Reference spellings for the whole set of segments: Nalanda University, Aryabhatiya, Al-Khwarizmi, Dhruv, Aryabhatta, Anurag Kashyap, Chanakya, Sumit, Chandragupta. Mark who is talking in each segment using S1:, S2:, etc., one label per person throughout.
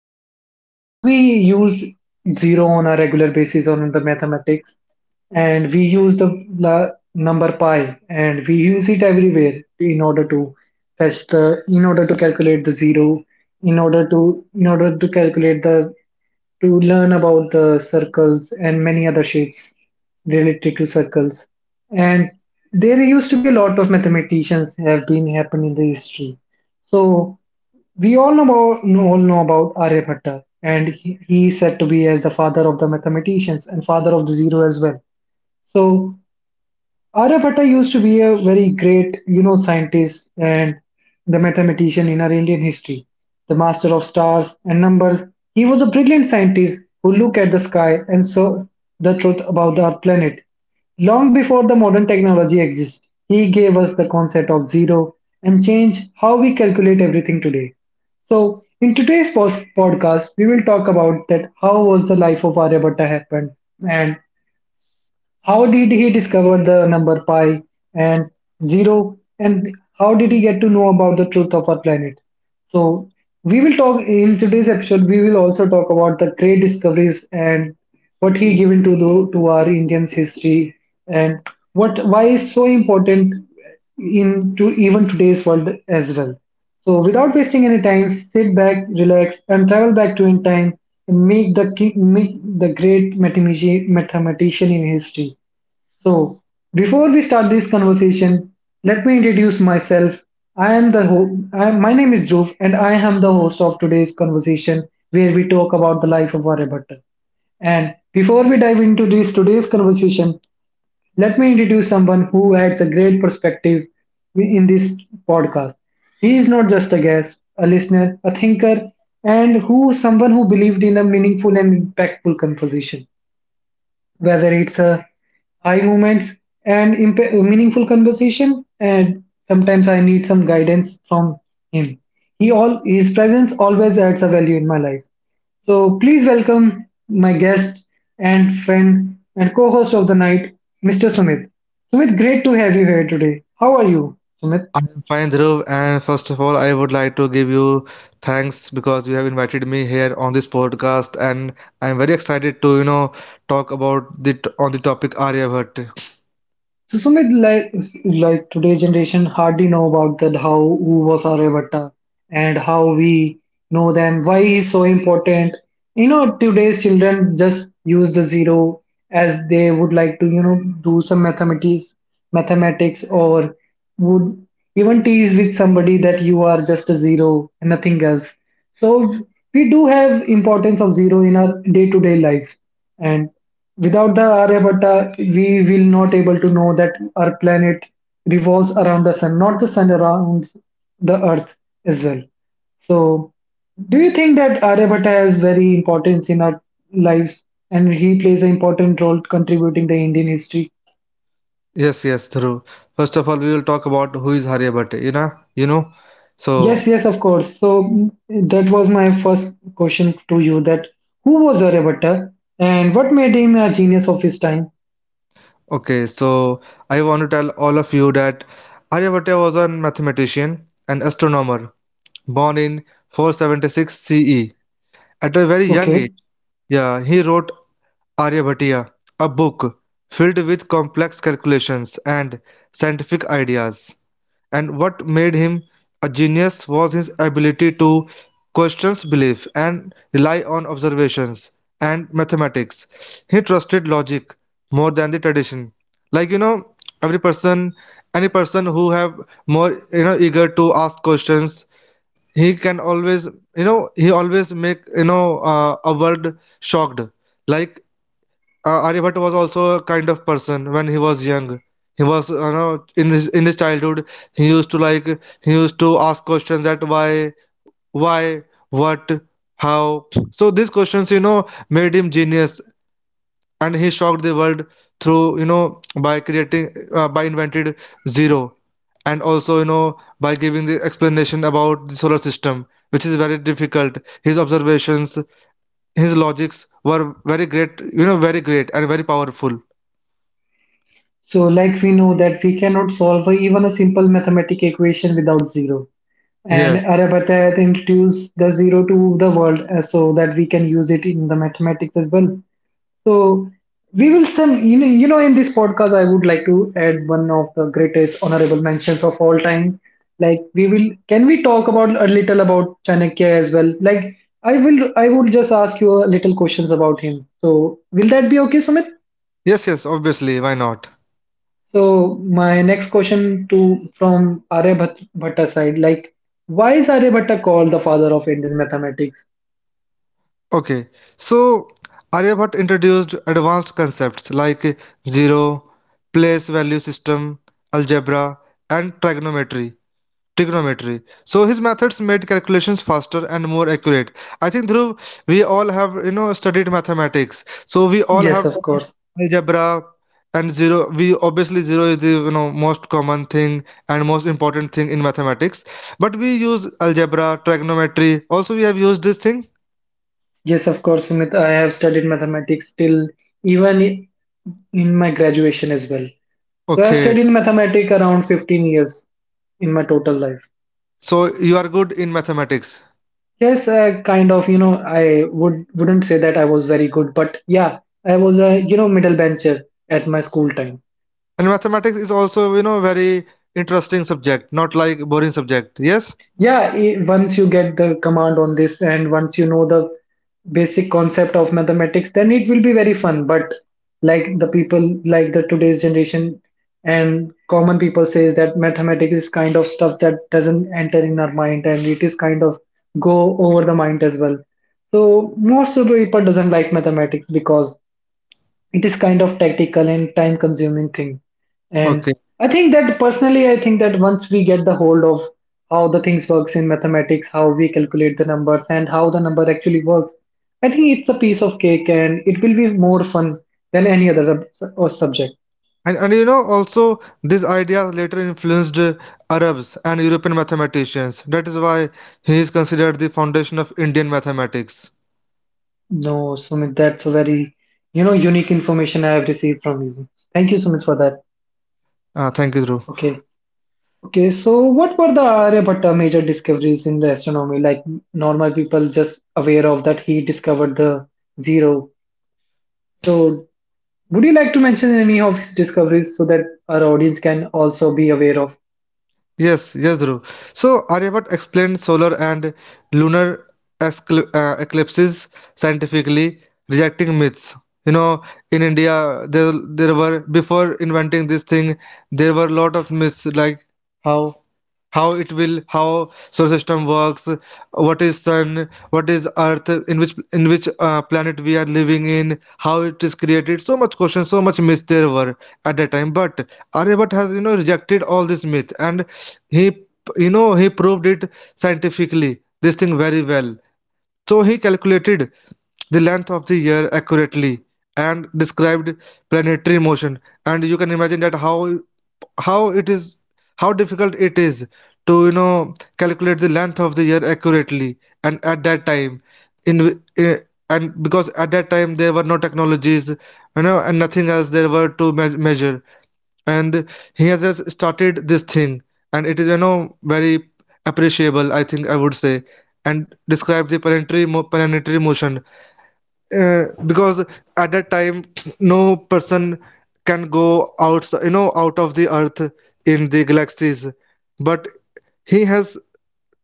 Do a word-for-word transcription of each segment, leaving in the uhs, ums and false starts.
S1: that do we use zero on a regular basis on the mathematics, and we use the la- number pi, and we use it everywhere in order to fetch the in order to calculate the zero in order to in order to calculate the to learn about the circles and many other shapes related to circles. And there used to be a lot of mathematicians have been happen in the history. So we all know about, know- all know about Aryabhatta, and he, he is said to be as the father of the mathematicians and father of the zero as well. So Aryabhatta used to be a very great, you know, scientist and the mathematician in our Indian history, the master of stars and numbers. He was a brilliant scientist who looked at the sky and saw the truth about our planet. Long before the modern technology exists, he gave us the concept of zero and changed how we calculate everything today. So, in today's pos- podcast, we will talk about that how was the life of Aryabhatta happened, and how did he discover the number pi and zero, and how did he get to know about the truth of our planet? So, we will talk in today's episode. We will also talk about the great discoveries and what he given to the, to our Indian's history, and what why is so important in to even today's world as well. So without wasting any time, sit back, relax, and travel back to in time and make the ki- make the great mathematici- mathematician in history. So before we start this conversation, let me introduce myself. I am the ho- I, My name is Dhruv, and I am the host of today's conversation where we talk about the life of Aryabhatta. And before we dive into this today's conversation, let me introduce someone who adds a great perspective in this podcast. He is not just a guest, a listener, a thinker, and who someone who believed in a meaningful and impactful composition. Whether it's a high moments and imp- meaningful conversation, and sometimes I need some guidance from him. He All his presence always adds a value in my life. So please welcome my guest and friend and co-host of the night, mister Sumit. Sumit, great to have you here today. How are you, Sumit?
S2: I'm fine, Dhruv, and first of all, I would like to give you thanks because you have invited me here on this podcast, and I'm very excited to, you know, talk about the on the topic Aryabhatta.
S1: So Sumit, like like today's generation hardly know about that how who was Aryabhatta and how we know them, why he's so important. You know, today's children just use the zero as they would like to, you know, do some mathematics, mathematics or would even tease with somebody that you are just a zero and nothing else. So we do have importance of zero in our day-to-day life, and without the Aryabhatta, we will not able to know that our planet revolves around the sun, not the sun around the earth as well. So do you think that Aryabhatta has very importance in our lives, and he plays an important role contributing the Indian history?
S2: Yes, yes, Dhruv. First of all, we will talk about who is Aryabhatta, you know, you know. So,
S1: Yes, yes, of course. So that was my first question to you that who was Aryabhatta, and what made him a genius of his time?
S2: Okay, so I want to tell all of you that Aryabhatta was a mathematician and astronomer born in four seventy-six C E. At a very young age,
S1: Okay.
S2: yeah, he wrote Aryabhatiya, a book filled with complex calculations and scientific ideas. And what made him a genius was his ability to question belief and rely on observations and mathematics. He trusted logic more than the tradition. Like you know, every person, any person who have more you know eager to ask questions, he can always you know he always make you know uh, a world shocked. Like uh, Aryabhatta was also a kind of person when he was young. He was, you know, in his in his childhood, he used to like he used to ask questions that why, why, what, how. So these questions, you know, made him genius, and he shocked the world through, you know, by creating uh, by invented zero, and also, you know, by giving the explanation about the solar system, which is very difficult. His observations, his logics were very great, you know, very great and very powerful.
S1: So like we know that we cannot solve even a simple mathematical equation without zero. And
S2: Yes,
S1: Aryabhatta introduced the zero to the world, uh, so that we can use it in the mathematics as well. So we will some you know, you know in this podcast I would like to add one of the greatest honorable mentions of all time. Like we will can we talk about a little about Chanakya as well? Like I will I would just ask you a little questions about him. So will that be okay, Sumit?
S2: yes, yes, obviously, why not?
S1: So my next question to from Arya Bhat- Bhatta side, like why is Aryabhatta called the father of Indian mathematics?
S2: Okay, so Aryabhatta introduced advanced concepts like zero, place value system, algebra, and trigonometry. Trigonometry. So his methods made calculations faster and more accurate. I think Dhruv, we all have you know studied mathematics. So we all
S1: Yes,
S2: have
S1: of
S2: done
S1: course.
S2: algebra and zero. We obviously zero is the you know most common thing and most important thing in mathematics. But we use algebra, trigonometry. Also we have used this thing.
S1: Yes, of course, Sumit. I have studied mathematics till even i- in my graduation as well. So I've
S2: Okay.
S1: studied mathematics around 15 years in my total life.
S2: So you are good in mathematics.
S1: Yes, I kind of, you know, I would wouldn't say that I was very good, but yeah, I was a, you know, middle bencher at my school time.
S2: And mathematics is also you know very interesting subject, not like boring subject. Yes.
S1: Yeah, i- once you get the command on this and once you know the basic concept of mathematics, then it will be very fun. But like the people, like the today's generation and common people says that mathematics is kind of stuff that doesn't enter in our mind, and it is kind of go over the mind as well. So most of the people doesn't like mathematics because it is kind of tactical and time consuming thing, and
S2: Okay.
S1: i think that personally I think that once we get the hold of how the things works in mathematics, how we calculate the numbers and how the number actually works, I think it's a piece of cake and it will be more fun than any other sub- or subject.
S2: And, and you know, also, these ideas later influenced uh, Arabs and European mathematicians. That is why he is considered the foundation of Indian mathematics.
S1: No Sumit, that's a very, you know, unique information I have received from you. Thank you, Sumit, for that.
S2: Uh, thank you, Dhruv.
S1: Okay. Okay, so what were the Aryabhatta major discoveries in the astronomy? Like normal people just aware of that he discovered the zero. So would you like to mention any of his discoveries so that our audience can also be aware of?
S2: Yes, yes, Dhruv. So, Aryabhat explained solar and lunar excl- uh, eclipses scientifically, rejecting myths. You know, in India, there, there were, before inventing this thing, there were a lot of myths like how how it will how solar system works, what is sun, what is earth, in which in which uh, planet we are living in, how it is created, so much questions, so much myths there were at that time. But Aryabhatta has, you know, rejected all this myth, and he, you know, he proved it scientifically this thing very well. So he calculated the length of the year accurately and described planetary motion. And you can imagine that how how it is how difficult it is to, you know, calculate the length of the year accurately. And at that time in w- eh, and because at that time there were no technologies, you know, and nothing else there were to me- measure, and he has just started this thing, and it is, you know, very appreciable, I think, I would say. And describe the planetary mo- planetary motion, uh, because at that time no person can go out, you know, out of the earth in the galaxies. but he has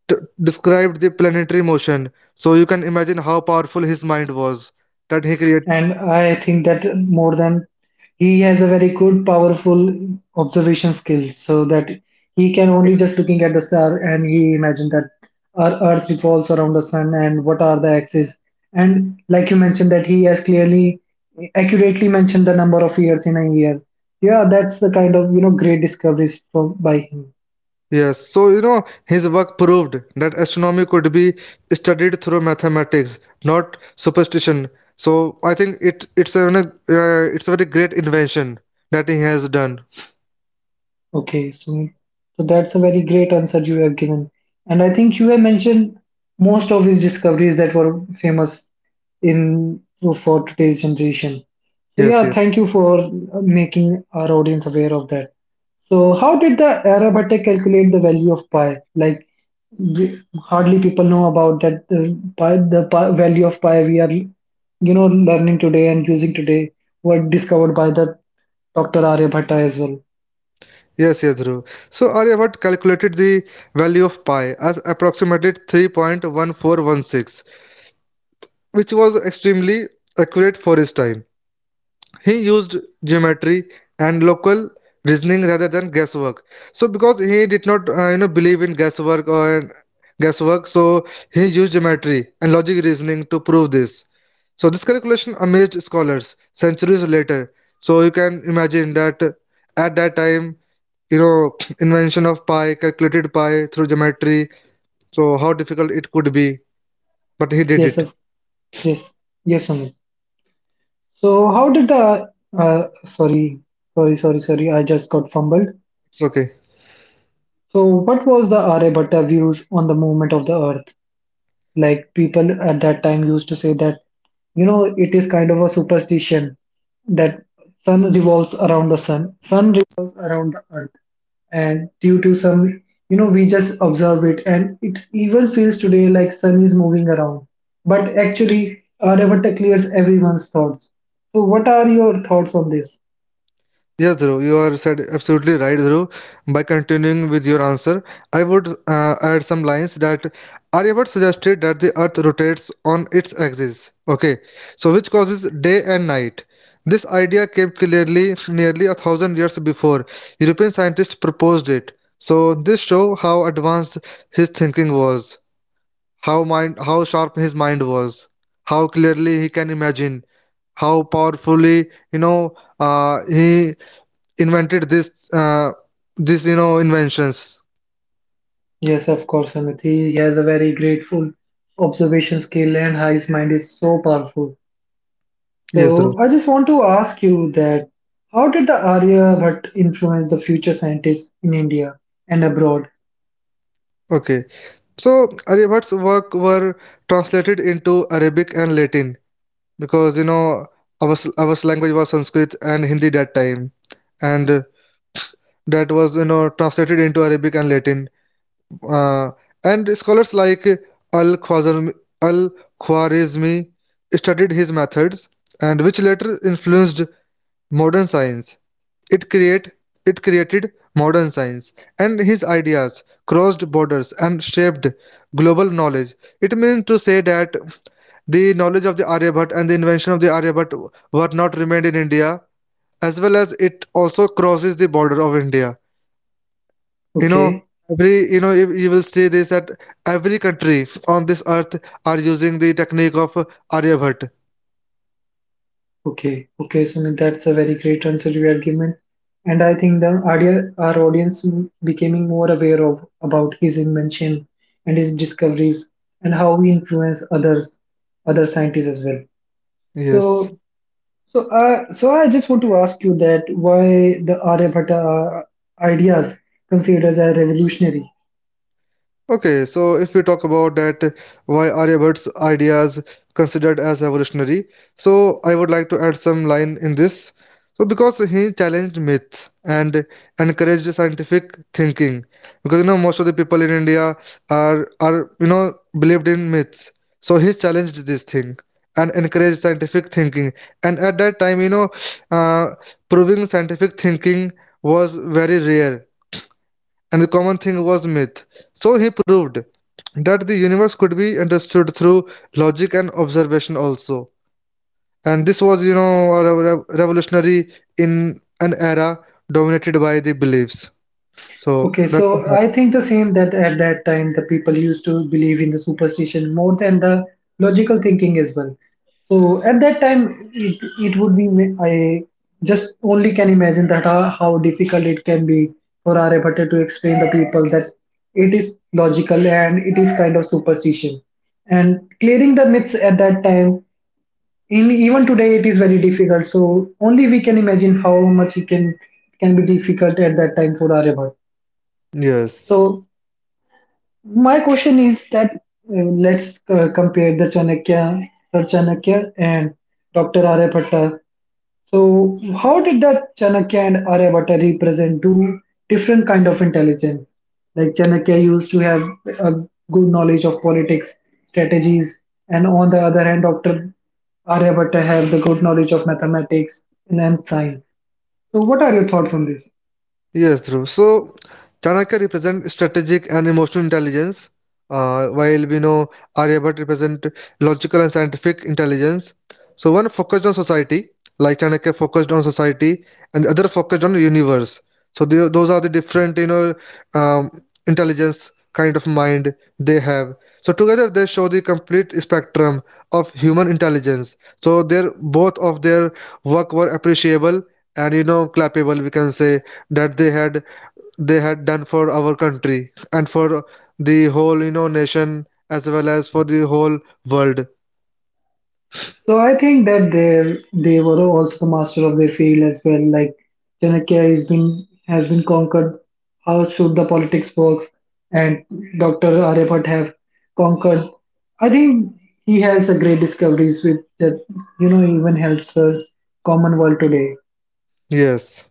S2: t- described the planetary motion, so you can imagine how powerful his mind was, that he created.
S1: And I think that more than he has a very good, powerful observation skill, so that he can only just looking at the star and he imagined that our Earth revolves around the sun and what are the axes. And like you mentioned, that he has clearly, accurately mentioned the number of years in a year. Yeah, that's the kind of, you know, great discoveries from by him.
S2: Yes, so you know his work proved that astronomy could be studied through mathematics, not superstition. So I think it it's a uh, it's a very great invention that he has done.
S1: Okay, so so that's a very great answer you have given. And I think you have mentioned most of his discoveries that were famous in for today's generation. So
S2: Yes,
S1: yeah,
S2: yes.
S1: thank you for making our audience aware of that. So how did the Arabic calculate the value of pi? Like we, hardly people know about that the pi, the pi, value of pi we are, you know, learning today and using today were discovered by the doctor Aryabhatta as well.
S2: Yes, yes, Dhruv. So Arya Bhatt calculated the value of pi as approximately three point one four one six, which was extremely accurate for his time. He used geometry and local reasoning rather than guesswork. So because he did not, uh, you know, believe in guesswork or guesswork, so he used geometry and logic reasoning to prove this. So this calculation amazed scholars centuries later. So you can imagine that at that time, you know, invention of pi, calculated pi through geometry, so how difficult it could be, but he did
S1: Yes,
S2: it.
S1: yes, yes, Sumit. So, how did the uh, sorry, sorry, sorry, sorry, I just got fumbled.
S2: It's okay.
S1: So, what was the Aryabhatta views on the movement of the Earth? Like people at that time used to say that, you know, it is kind of a superstition that sun revolves around the sun, sun revolves around the earth. And due to some, you know, we just observe it and it even feels today like sun is moving around. But actually, Aryabhatta clears everyone's thoughts. So what are your thoughts on this?
S2: Yes Dhruv, you are said absolutely right, Dhruv. By continuing with your answer, I would uh, add some lines that Aryabhatta suggested that the earth rotates on its axis, okay, so which causes day and night. This idea came clearly nearly a thousand years before European scientists proposed it. So this show how advanced his thinking was, how mind how sharp his mind was, how clearly he can imagine, how powerfully, you know uh, he invented this uh, this, you know, inventions.
S1: Yes, of course, Amit. He has a very grateful observation skill and his mind is so powerful.
S2: Yes, Dhruv.
S1: So I just want to ask you that how did the Aryabhat influence the future scientists in India and abroad?
S2: Okay, so Aryabhat's work were translated into Arabic and Latin, because you know our s- our language was Sanskrit and Hindi that time, and that was, you know, translated into Arabic and Latin, uh, and scholars like Al-Khwarizmi, Al-Khwarizmi studied his methods, and which later influenced modern science. It create it created modern science, and his ideas crossed borders and shaped global knowledge. It means to say that the knowledge of the Aryabhat and the invention of the Aryabhat were not remained in India, as well as it also crosses the border of India. You know,
S1: Okay,
S2: every you know you, you will see this that every country on this earth are using the technique of Aryabhatta.
S1: okay, okay. So that's a very great answer you have given, and I think the Arya, our audience m- becoming more aware of about his invention and his discoveries and how he influenced others, other scientists as well.
S2: Yes.
S1: So, so, uh, so I just want to ask you that why the Aryabhata ideas considered as a revolutionary.
S2: Okay, so if we talk about that, why Aryabhat's ideas considered as evolutionary? So I would like to add some line in this. So because he challenged myths and encouraged scientific thinking, because you know most of the people in India are are you know believed in myths. So he challenged this thing and encouraged scientific thinking. And at that time, you know, uh, proving scientific thinking was very rare, and the common thing was myth. So he proved that the universe could be understood through logic and observation also. And this was, you know, a rev- rev- revolutionary in an era dominated by the beliefs. So
S1: Okay,
S2: that's
S1: so
S2: how.
S1: I think the same that at that time the people used to believe in the superstition more than the logical thinking as well. So at that time, it, it would be, I just only can imagine that how, how difficult it can be for Aryabhatta to explain the people that it is logical and it is kind of superstition. And clearing the myths at that time, in, even today, it is very difficult. So only we can imagine how much it can, can be difficult at that time for Aryabhatta.
S2: Yes.
S1: So my question is that uh, let's uh, compare the Chanakya, Sir Chanakya and doctor Aryabhatta. So, how did that Chanakya and Aryabhatta represent two different kind of intelligence? Like Chanakya used to have a good knowledge of politics, strategies, and on the other hand, doctor Aryabhatta have the good knowledge of mathematics and science. So, what are your thoughts on this?
S2: Yes, Dhruv. So, Chanakya represent strategic and emotional intelligence, uh, while we know Aryabhat represent logical and scientific intelligence. So, one focused on society, like Chanakya focused on society, and the other focused on universe. So, they, those are the different, you know, um, intelligence kind of mind they have. So, together they show the complete spectrum of human intelligence. So, their both of their work were appreciable, and you know clappable we can say, that they had they had done for our country and for the whole, you know, nation, as well as for the whole world.
S1: So I think that they they were also master of their field as well. Like Chanakya has been has been conquered. How should the politics works? And doctor Aryabhatta have conquered. I think he has a great discoveries with that. You know, even helps the common world today.
S2: Yes.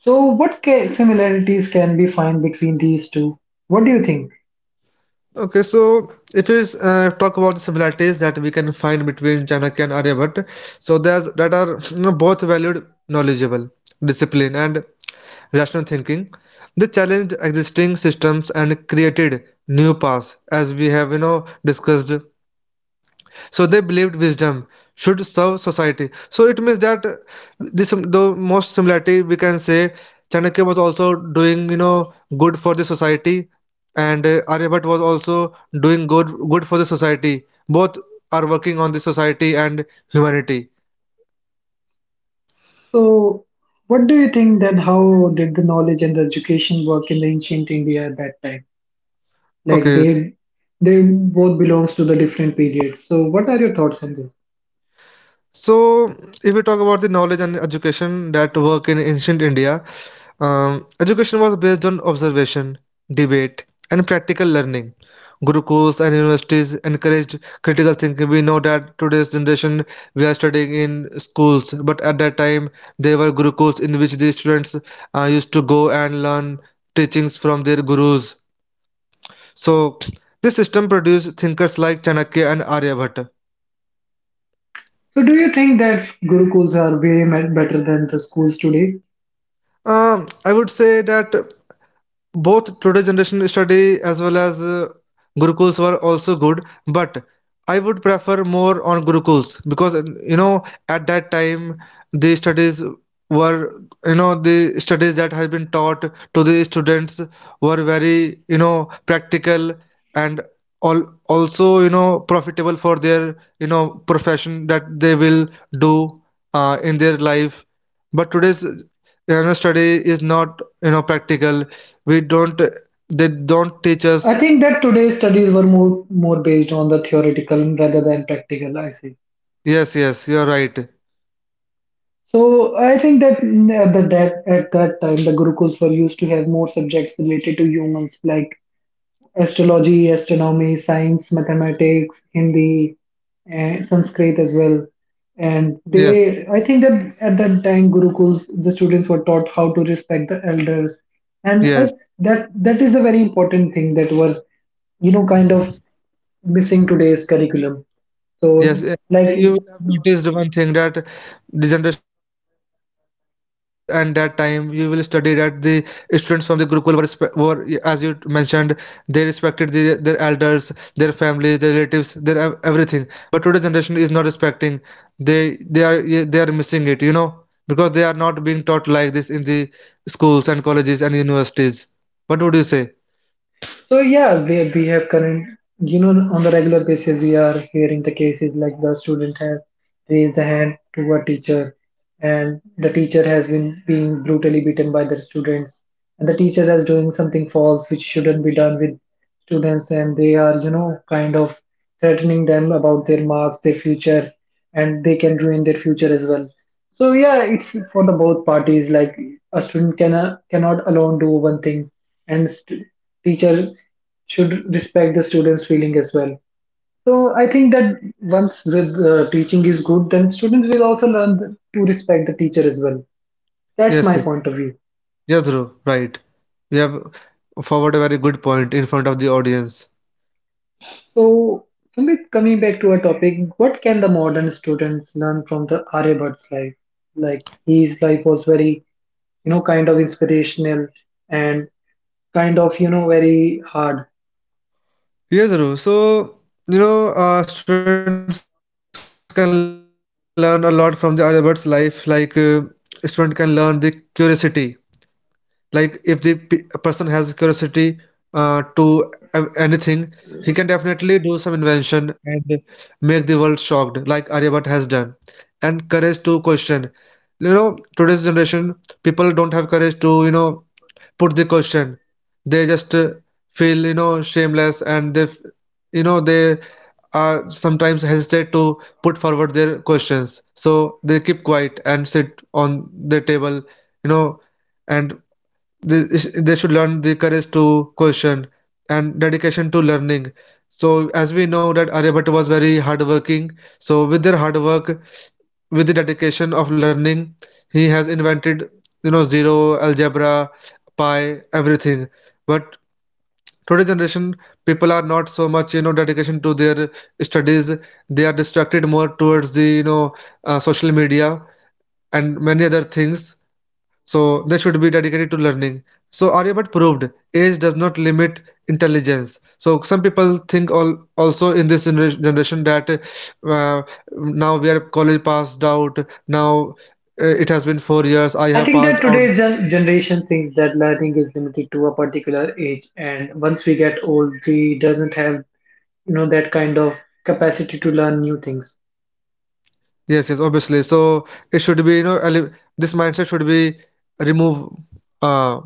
S1: So what ca- similarities can be found between these two? What do you think?
S2: Okay, so if we uh, talk about the similarities that we can find between Chanakya and Aryabhatta, so there's that are, you know, both valued knowledgeable, discipline, and rational thinking. They challenged existing systems and created new paths, as we have, you know, discussed. So they believed wisdom should serve society. So it means that, uh, this the most similarity we can say, Chanakya was also doing, you know, good for the society, and uh, Aryabhatta was also doing good good for the society. Both are working on the society and humanity.
S1: So what do you think that how did the knowledge and the education work in the ancient India at that time? Like
S2: Okay,
S1: they they both belongs to the different periods. So what are your thoughts on this?
S2: so if we talk about the knowledge and education that work in ancient India, Um, education was based on observation, debate, and practical learning. Gurukuls and universities encouraged critical thinking. We know that today's generation we are studying in schools, but at that time there were gurukuls in which the students uh, used to go and learn teachings from their gurus. So this system produced thinkers like Chanakya and Aryabhatta.
S1: So do you think that gurukuls are way me- better than the schools today?
S2: Um, I would say that both today generation study, as well as uh, gurukuls were also good, but I would prefer more on gurukuls, because uh, you know at that time the studies were, you know, the studies that has been taught to the students were very, you know, practical, and all also, you know, profitable for their, you know, profession that they will do uh, in their life. But today's, you know, study is not, you know, practical. We don't, they don't teach
S1: I
S2: us.
S1: think that today's studies were more more based on the theoretical rather than practical. I see.
S2: Yes, yes, you're right.
S1: So I think that mm, at the that at that time the gurukuls were used to have more subjects related to humans like astrology, astronomy, science, mathematics, Hindi, and Sanskrit as well. And
S2: Yes,
S1: they, I think that at that time, Gurukuls, the students were taught how to respect the elders, and I,
S2: yes.
S1: that that is a very important thing that were, you know, kind of missing today's curriculum.
S2: Yes,
S1: So,
S2: and
S1: like.
S2: you will have noticed one thing that the generation of today's and that time you will study that the students from the gurukul were, respe- were, as you mentioned, they respected the, their elders, their family, their relatives, their ev- everything. But today generation is not respecting. They they are Yeah, they are missing it, you know, because they are not being taught like this in the schools and colleges and universities. What would you say?
S1: So yeah, we, we have current, you know, on the regular basis, we are hearing the cases like the student has raised a hand to a teacher, and the teacher has been being brutally beaten by the student, and the teacher is doing something false which shouldn't be done with students, and they are, you know, kind of threatening them about their marks, their future, and they can ruin their future as well. So yeah, it's for the both parties. Like a student can uh, cannot alone do one thing, and st- teacher should respect the students' feeling as well. So I think that once with uh, teaching is good, then students will also learn th- to respect the teacher as well. That's
S2: Yes,
S1: my
S2: yes,
S1: point of view.
S2: yes, Dhruv, right. You have forward a very good point in front of the audience.
S1: So Sumit, coming back to our topic, what can the modern students learn from the Aryabhat's life? Like his life was very, you know, kind of inspirational and kind of, you know, very hard.
S2: Yes, Dhruv. So, you know, uh, students can learn a lot from the Albert's life. Like, uh, student can learn the curiosity. Like, if the p person has curiosity uh, to a- anything, he can definitely do some invention and make the world shocked, like Aryabhat has done. And courage to question. You know, today's generation, people don't have courage to, you know, put the question. They just uh, feel, you know shameless, and they f- you know they are sometimes hesitate to put forward their questions, so they keep quiet and sit on the table you know and they, they should learn the courage to question and dedication to learning. So as we know that Aryabhatta was very hardworking, so with their hard work, with the dedication of learning, he has invented, you know zero, algebra, pi, everything. But today generation, people are not so much, you know dedication to their studies. They are distracted more towards the, you know uh, social media and many other things. So they should be dedicated to learning. So Aryabhat proved age does not limit intelligence. So some people think all also in this gener- generation that uh, now we are college passed out. Now uh, it has been four years. I
S1: I
S2: have
S1: think
S2: passed
S1: that
S2: out.
S1: today's gen- generation thinks that learning is limited to a particular age, and once we get old, we doesn't have you know that kind of capacity to learn new things.
S2: Yes, yes, obviously. So it should be, you know eli- this mindset should be remove. uh,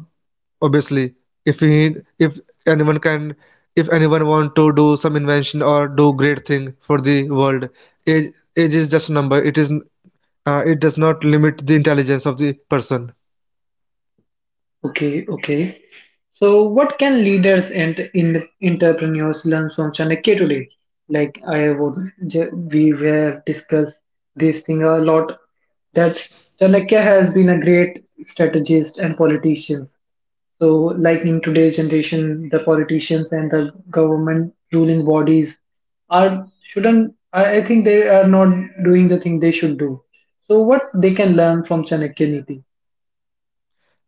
S2: Obviously, if we need if anyone can, if anyone want to do some invention or do great thing for the world, age age is just a number. It is uh, it does not limit the intelligence of the person.
S1: Okay, okay. So, what can leaders and in- entrepreneurs learn from Chanakya today? Like I would, ju- we were discussed this thing a lot. That Chanakya has been a great strategist and politician. So, like in today's generation, the politicians and the government ruling bodies are shouldn't. I, I think they are not doing the thing they should do. So, what they can learn from Chanakya Niti?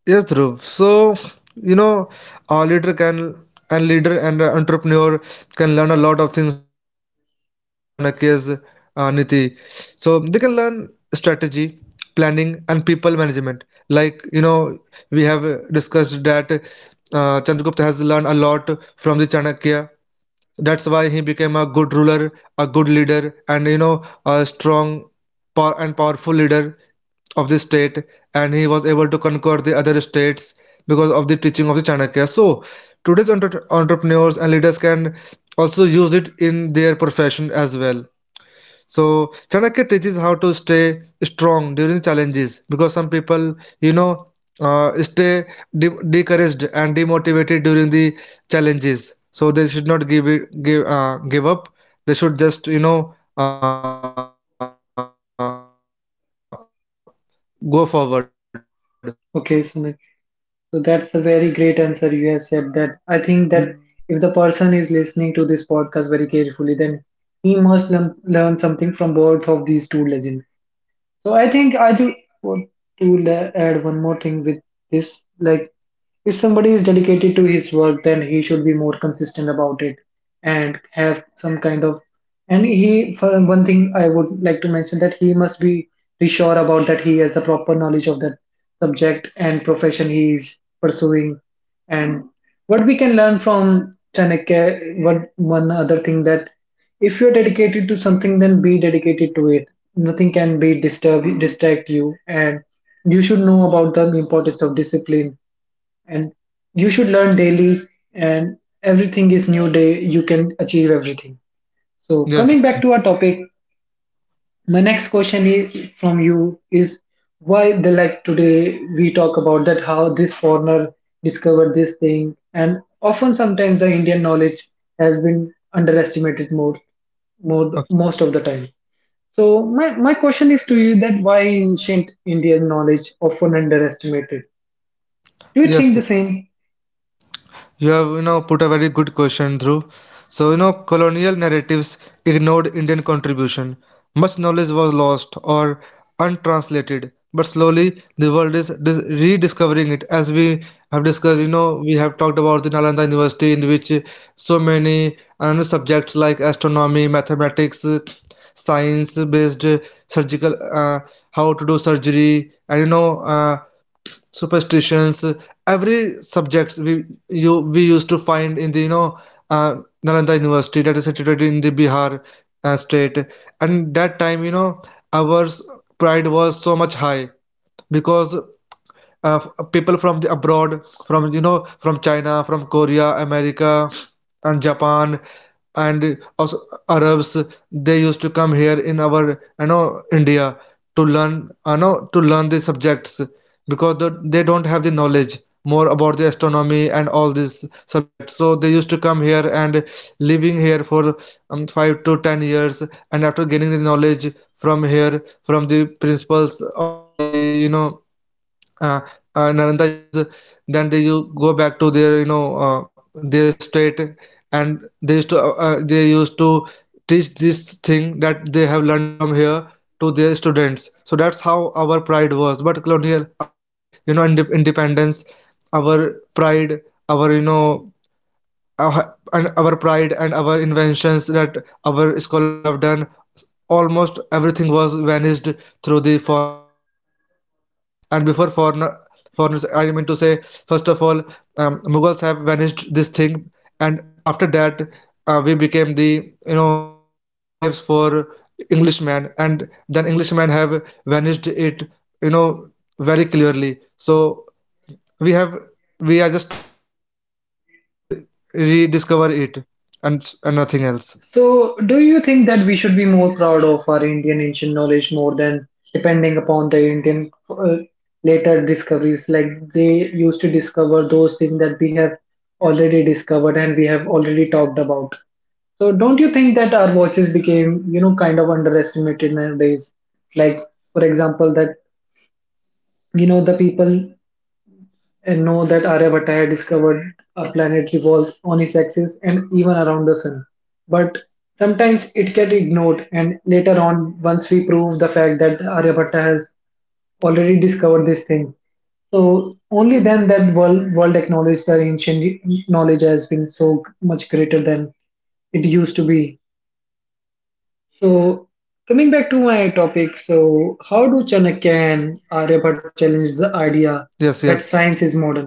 S2: Yes, Dhruv. So, you know, a leader can, and leader and a entrepreneur can learn a lot of things from the Chanakya's uh, Niti. So they can learn strategy, planning, and people management. Like, you know, we have uh, discussed that uh, Chandragupta has learned a lot from the Chanakya. That's why he became a good ruler, a good leader, and, you know, a strong pow- and powerful leader of the state. And he was able to conquer the other states because of the teaching of the Chanakya. So, today's entre- entrepreneurs and leaders can also use it in their profession as well. So Chanakya teaches how to stay strong during challenges, because some people, you know, uh, stay de- discouraged and demotivated during the challenges. So they should not give it, give, uh, give up. They should just, you know uh, go forward with the challenges.
S1: Okay, Sumit. So that's a very great answer you have said. That I think that if the person is listening to this podcast very carefully, then he must learn, learn something from both of these two legends. So I think I do want to la- add one more thing with this. Like, if somebody is dedicated to his work, then he should be more consistent about it and have some kind of, and he, for one thing, I would like to mention that he must be be sure about that he has the proper knowledge of that subject and profession he is pursuing. And what we can learn from Chanakya, what one other thing that if you're dedicated to something, then be dedicated to it. Nothing can be disturb distract you, and you should know about the importance of discipline. And you should learn daily, and everything is new day. You can achieve everything. So
S2: Yes.
S1: coming back to our topic, my next question is from you is why the like today we talk about that how this foreigner discovered this thing and often sometimes the Indian knowledge has been underestimated more more
S2: Okay.
S1: most of the time. So my, my question is to you that why ancient Indian knowledge often underestimated. Do you think
S2: Yes.
S1: the same?
S2: You have, you know, put a very good question through. So, you know, colonial narratives ignored Indian contribution. Much knowledge was lost or untranslated, but slowly the world is dis- rediscovering it. As we have discussed, you know, we have talked about the Nalanda University in which so many uh, subjects like astronomy, mathematics, science based, surgical, uh, how to do surgery, and, you know, uh, superstitions, every subjects we, you we used to find in the, you know uh, Nalanda University that is situated in the Bihar uh, state. And that time, you know, our pride was so much high because, uh, people from the abroad, from, you know, from China, from Korea, America, and Japan, and also Arabs, they used to come here in our, you know, India, to learn, you know, to learn the subjects, because the, they don't have the knowledge more about the astronomy and all these subjects. So they used to come here and living here for um, five to ten years, and after gaining the knowledge from here, from the principals of the, you know, uh, uh, Nalanda universities, then they you go back to their, you know, uh, their state, and they used to, uh, uh, they used to teach this thing that they have learned from here to their students. So that's how our pride was. But colonial, after, you know, inde- independence, our pride, our you know our, and our pride and our inventions that our scholars have done, almost everything was vanished through the foreigners. And before foreigner, foreigners, I mean to say, first of all, um, Mughals have vanished this thing, and after that, uh, we became the, you know, slaves for Englishmen, and then Englishmen have vanished it, you know, very clearly. So we have we are just trying to re, re, rediscover it, and and nothing else.
S1: So, do you think that we should be more proud of our Indian ancient knowledge more than depending upon the Indian uh, later discoveries? Like they used to discover those things that we have already discovered and we have already talked about. So, don't you think that our voices became, you know, kind of underestimated nowadays? Like, for example, that you know the people and know that Aryabhatta discovered a planet revolves on its axis and even around the sun. But sometimes it gets ignored, and later on, once we prove the fact that Aryabhatta has already discovered this thing, so only then that world world acknowledged that ancient knowledge has been so much greater than it used to be.
S2: Yes, yes.
S1: So coming back to my topic, so how do Chanakya and Aryabhatta challenge the idea that science is modern?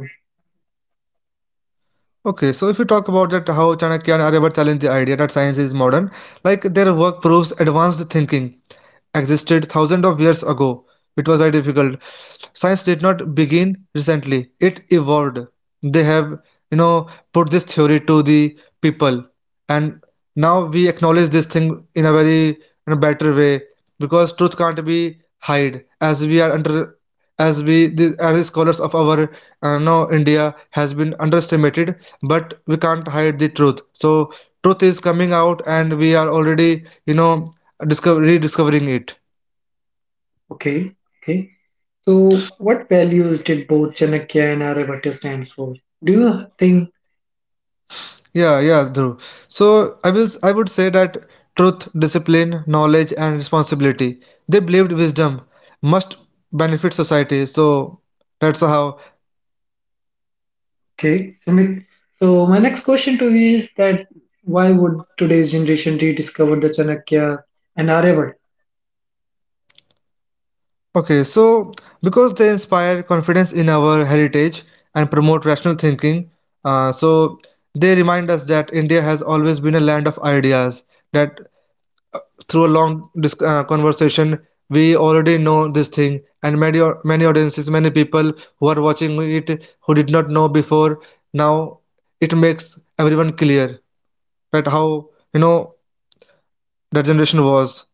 S2: Okay. So if we talk about that, how Chanakya and Aryabhatta challenge the idea that science is modern, like, their work proves advanced thinking existed thousands of years ago, it was very difficult. Science did not begin recently; it evolved. They have, you know, put this theory to the people, and now we acknowledge this thing in a very, in a better way, because truth can't be hide. As we are under as we the, as the scholars of our uh, no, India has been underestimated, but we can't hide the truth. So truth is coming out, and we are already, you know, discover rediscovering it.
S1: Okay, okay. So, what values did both Chanakya and Aryabhatta stands for? Do you think?
S2: Yeah, yeah, Dhruv. So i will I would say that truth, discipline, knowledge, and responsibility, they believed wisdom must benefit society. So that's how.
S1: Okay, Sumit. So, my next question to you is that why would today's generation rediscover the Chanakya and Aryabhatta?
S2: Okay. So because they inspire confidence in our heritage and promote rational thinking. Uh, so they remind us that India has always been a land of ideas. That through a long, dis- uh, conversation, we already know this thing, and many, many audiences, many people who are watching it, who did not know before, now it makes everyone clear that how, you know, that generation was.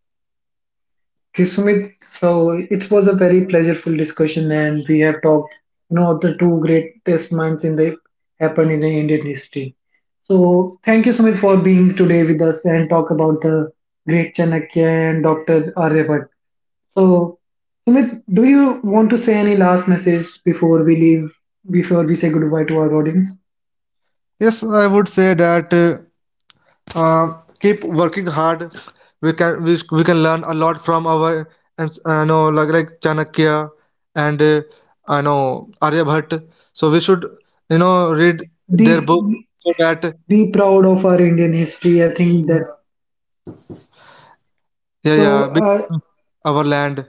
S1: Okay, Sumit. So, it was a very pleasurable discussion, and we have talked, you know, of the two greatest minds in the happened in the Indian history. So, thank you, Sumit, for being today with us and talk about the great Chanakya and Doctor Aryabhatta. So, Sumit, do you want to say any last message before we leave, before we say goodbye to our audience?
S2: Yes, I would say that, uh, uh, keep working hard. We can we, we can learn a lot from our, and I know, like like Chanakya and, uh, I know, Aryabhatt. So we should, you know, read their
S1: Be
S2: book, so that.
S1: be proud of our Indian history. I think that.
S2: Yeah,
S1: So,
S2: yeah, bit
S1: uh,
S2: of our land.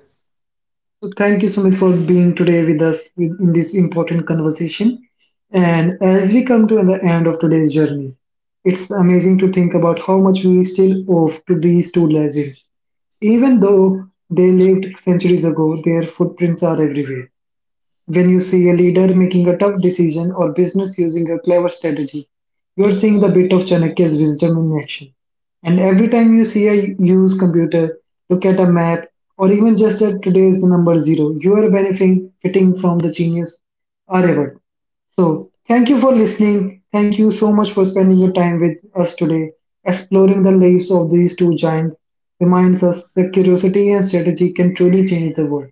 S1: so thank you, Sumit, for being today with us in in this important conversation. And as we come to the end of today's journey, it's amazing to think about how much we still owe to these two legends. Even though they lived centuries ago, their footprints are everywhere. When you see a leader making a tough decision or business using a clever strategy, you are seeing the bit of Chanakya's wisdom in action. And every time you see a use computer, look at a map, or even just at today's the number zero, you are benefiting fitting from the genius Aryavat. So, thank you for listening. Thank you so much for spending your time with us today. Exploring the lives of these two giants reminds us that curiosity and strategy can truly change the world.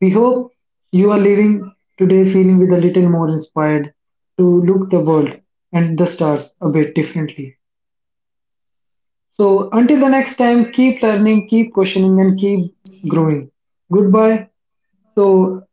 S1: We hope you are leaving today feeling with a little more inspired to look the world and the stars a bit differently. So, until the next time, keep learning, keep questioning, and keep growing. Goodbye. So,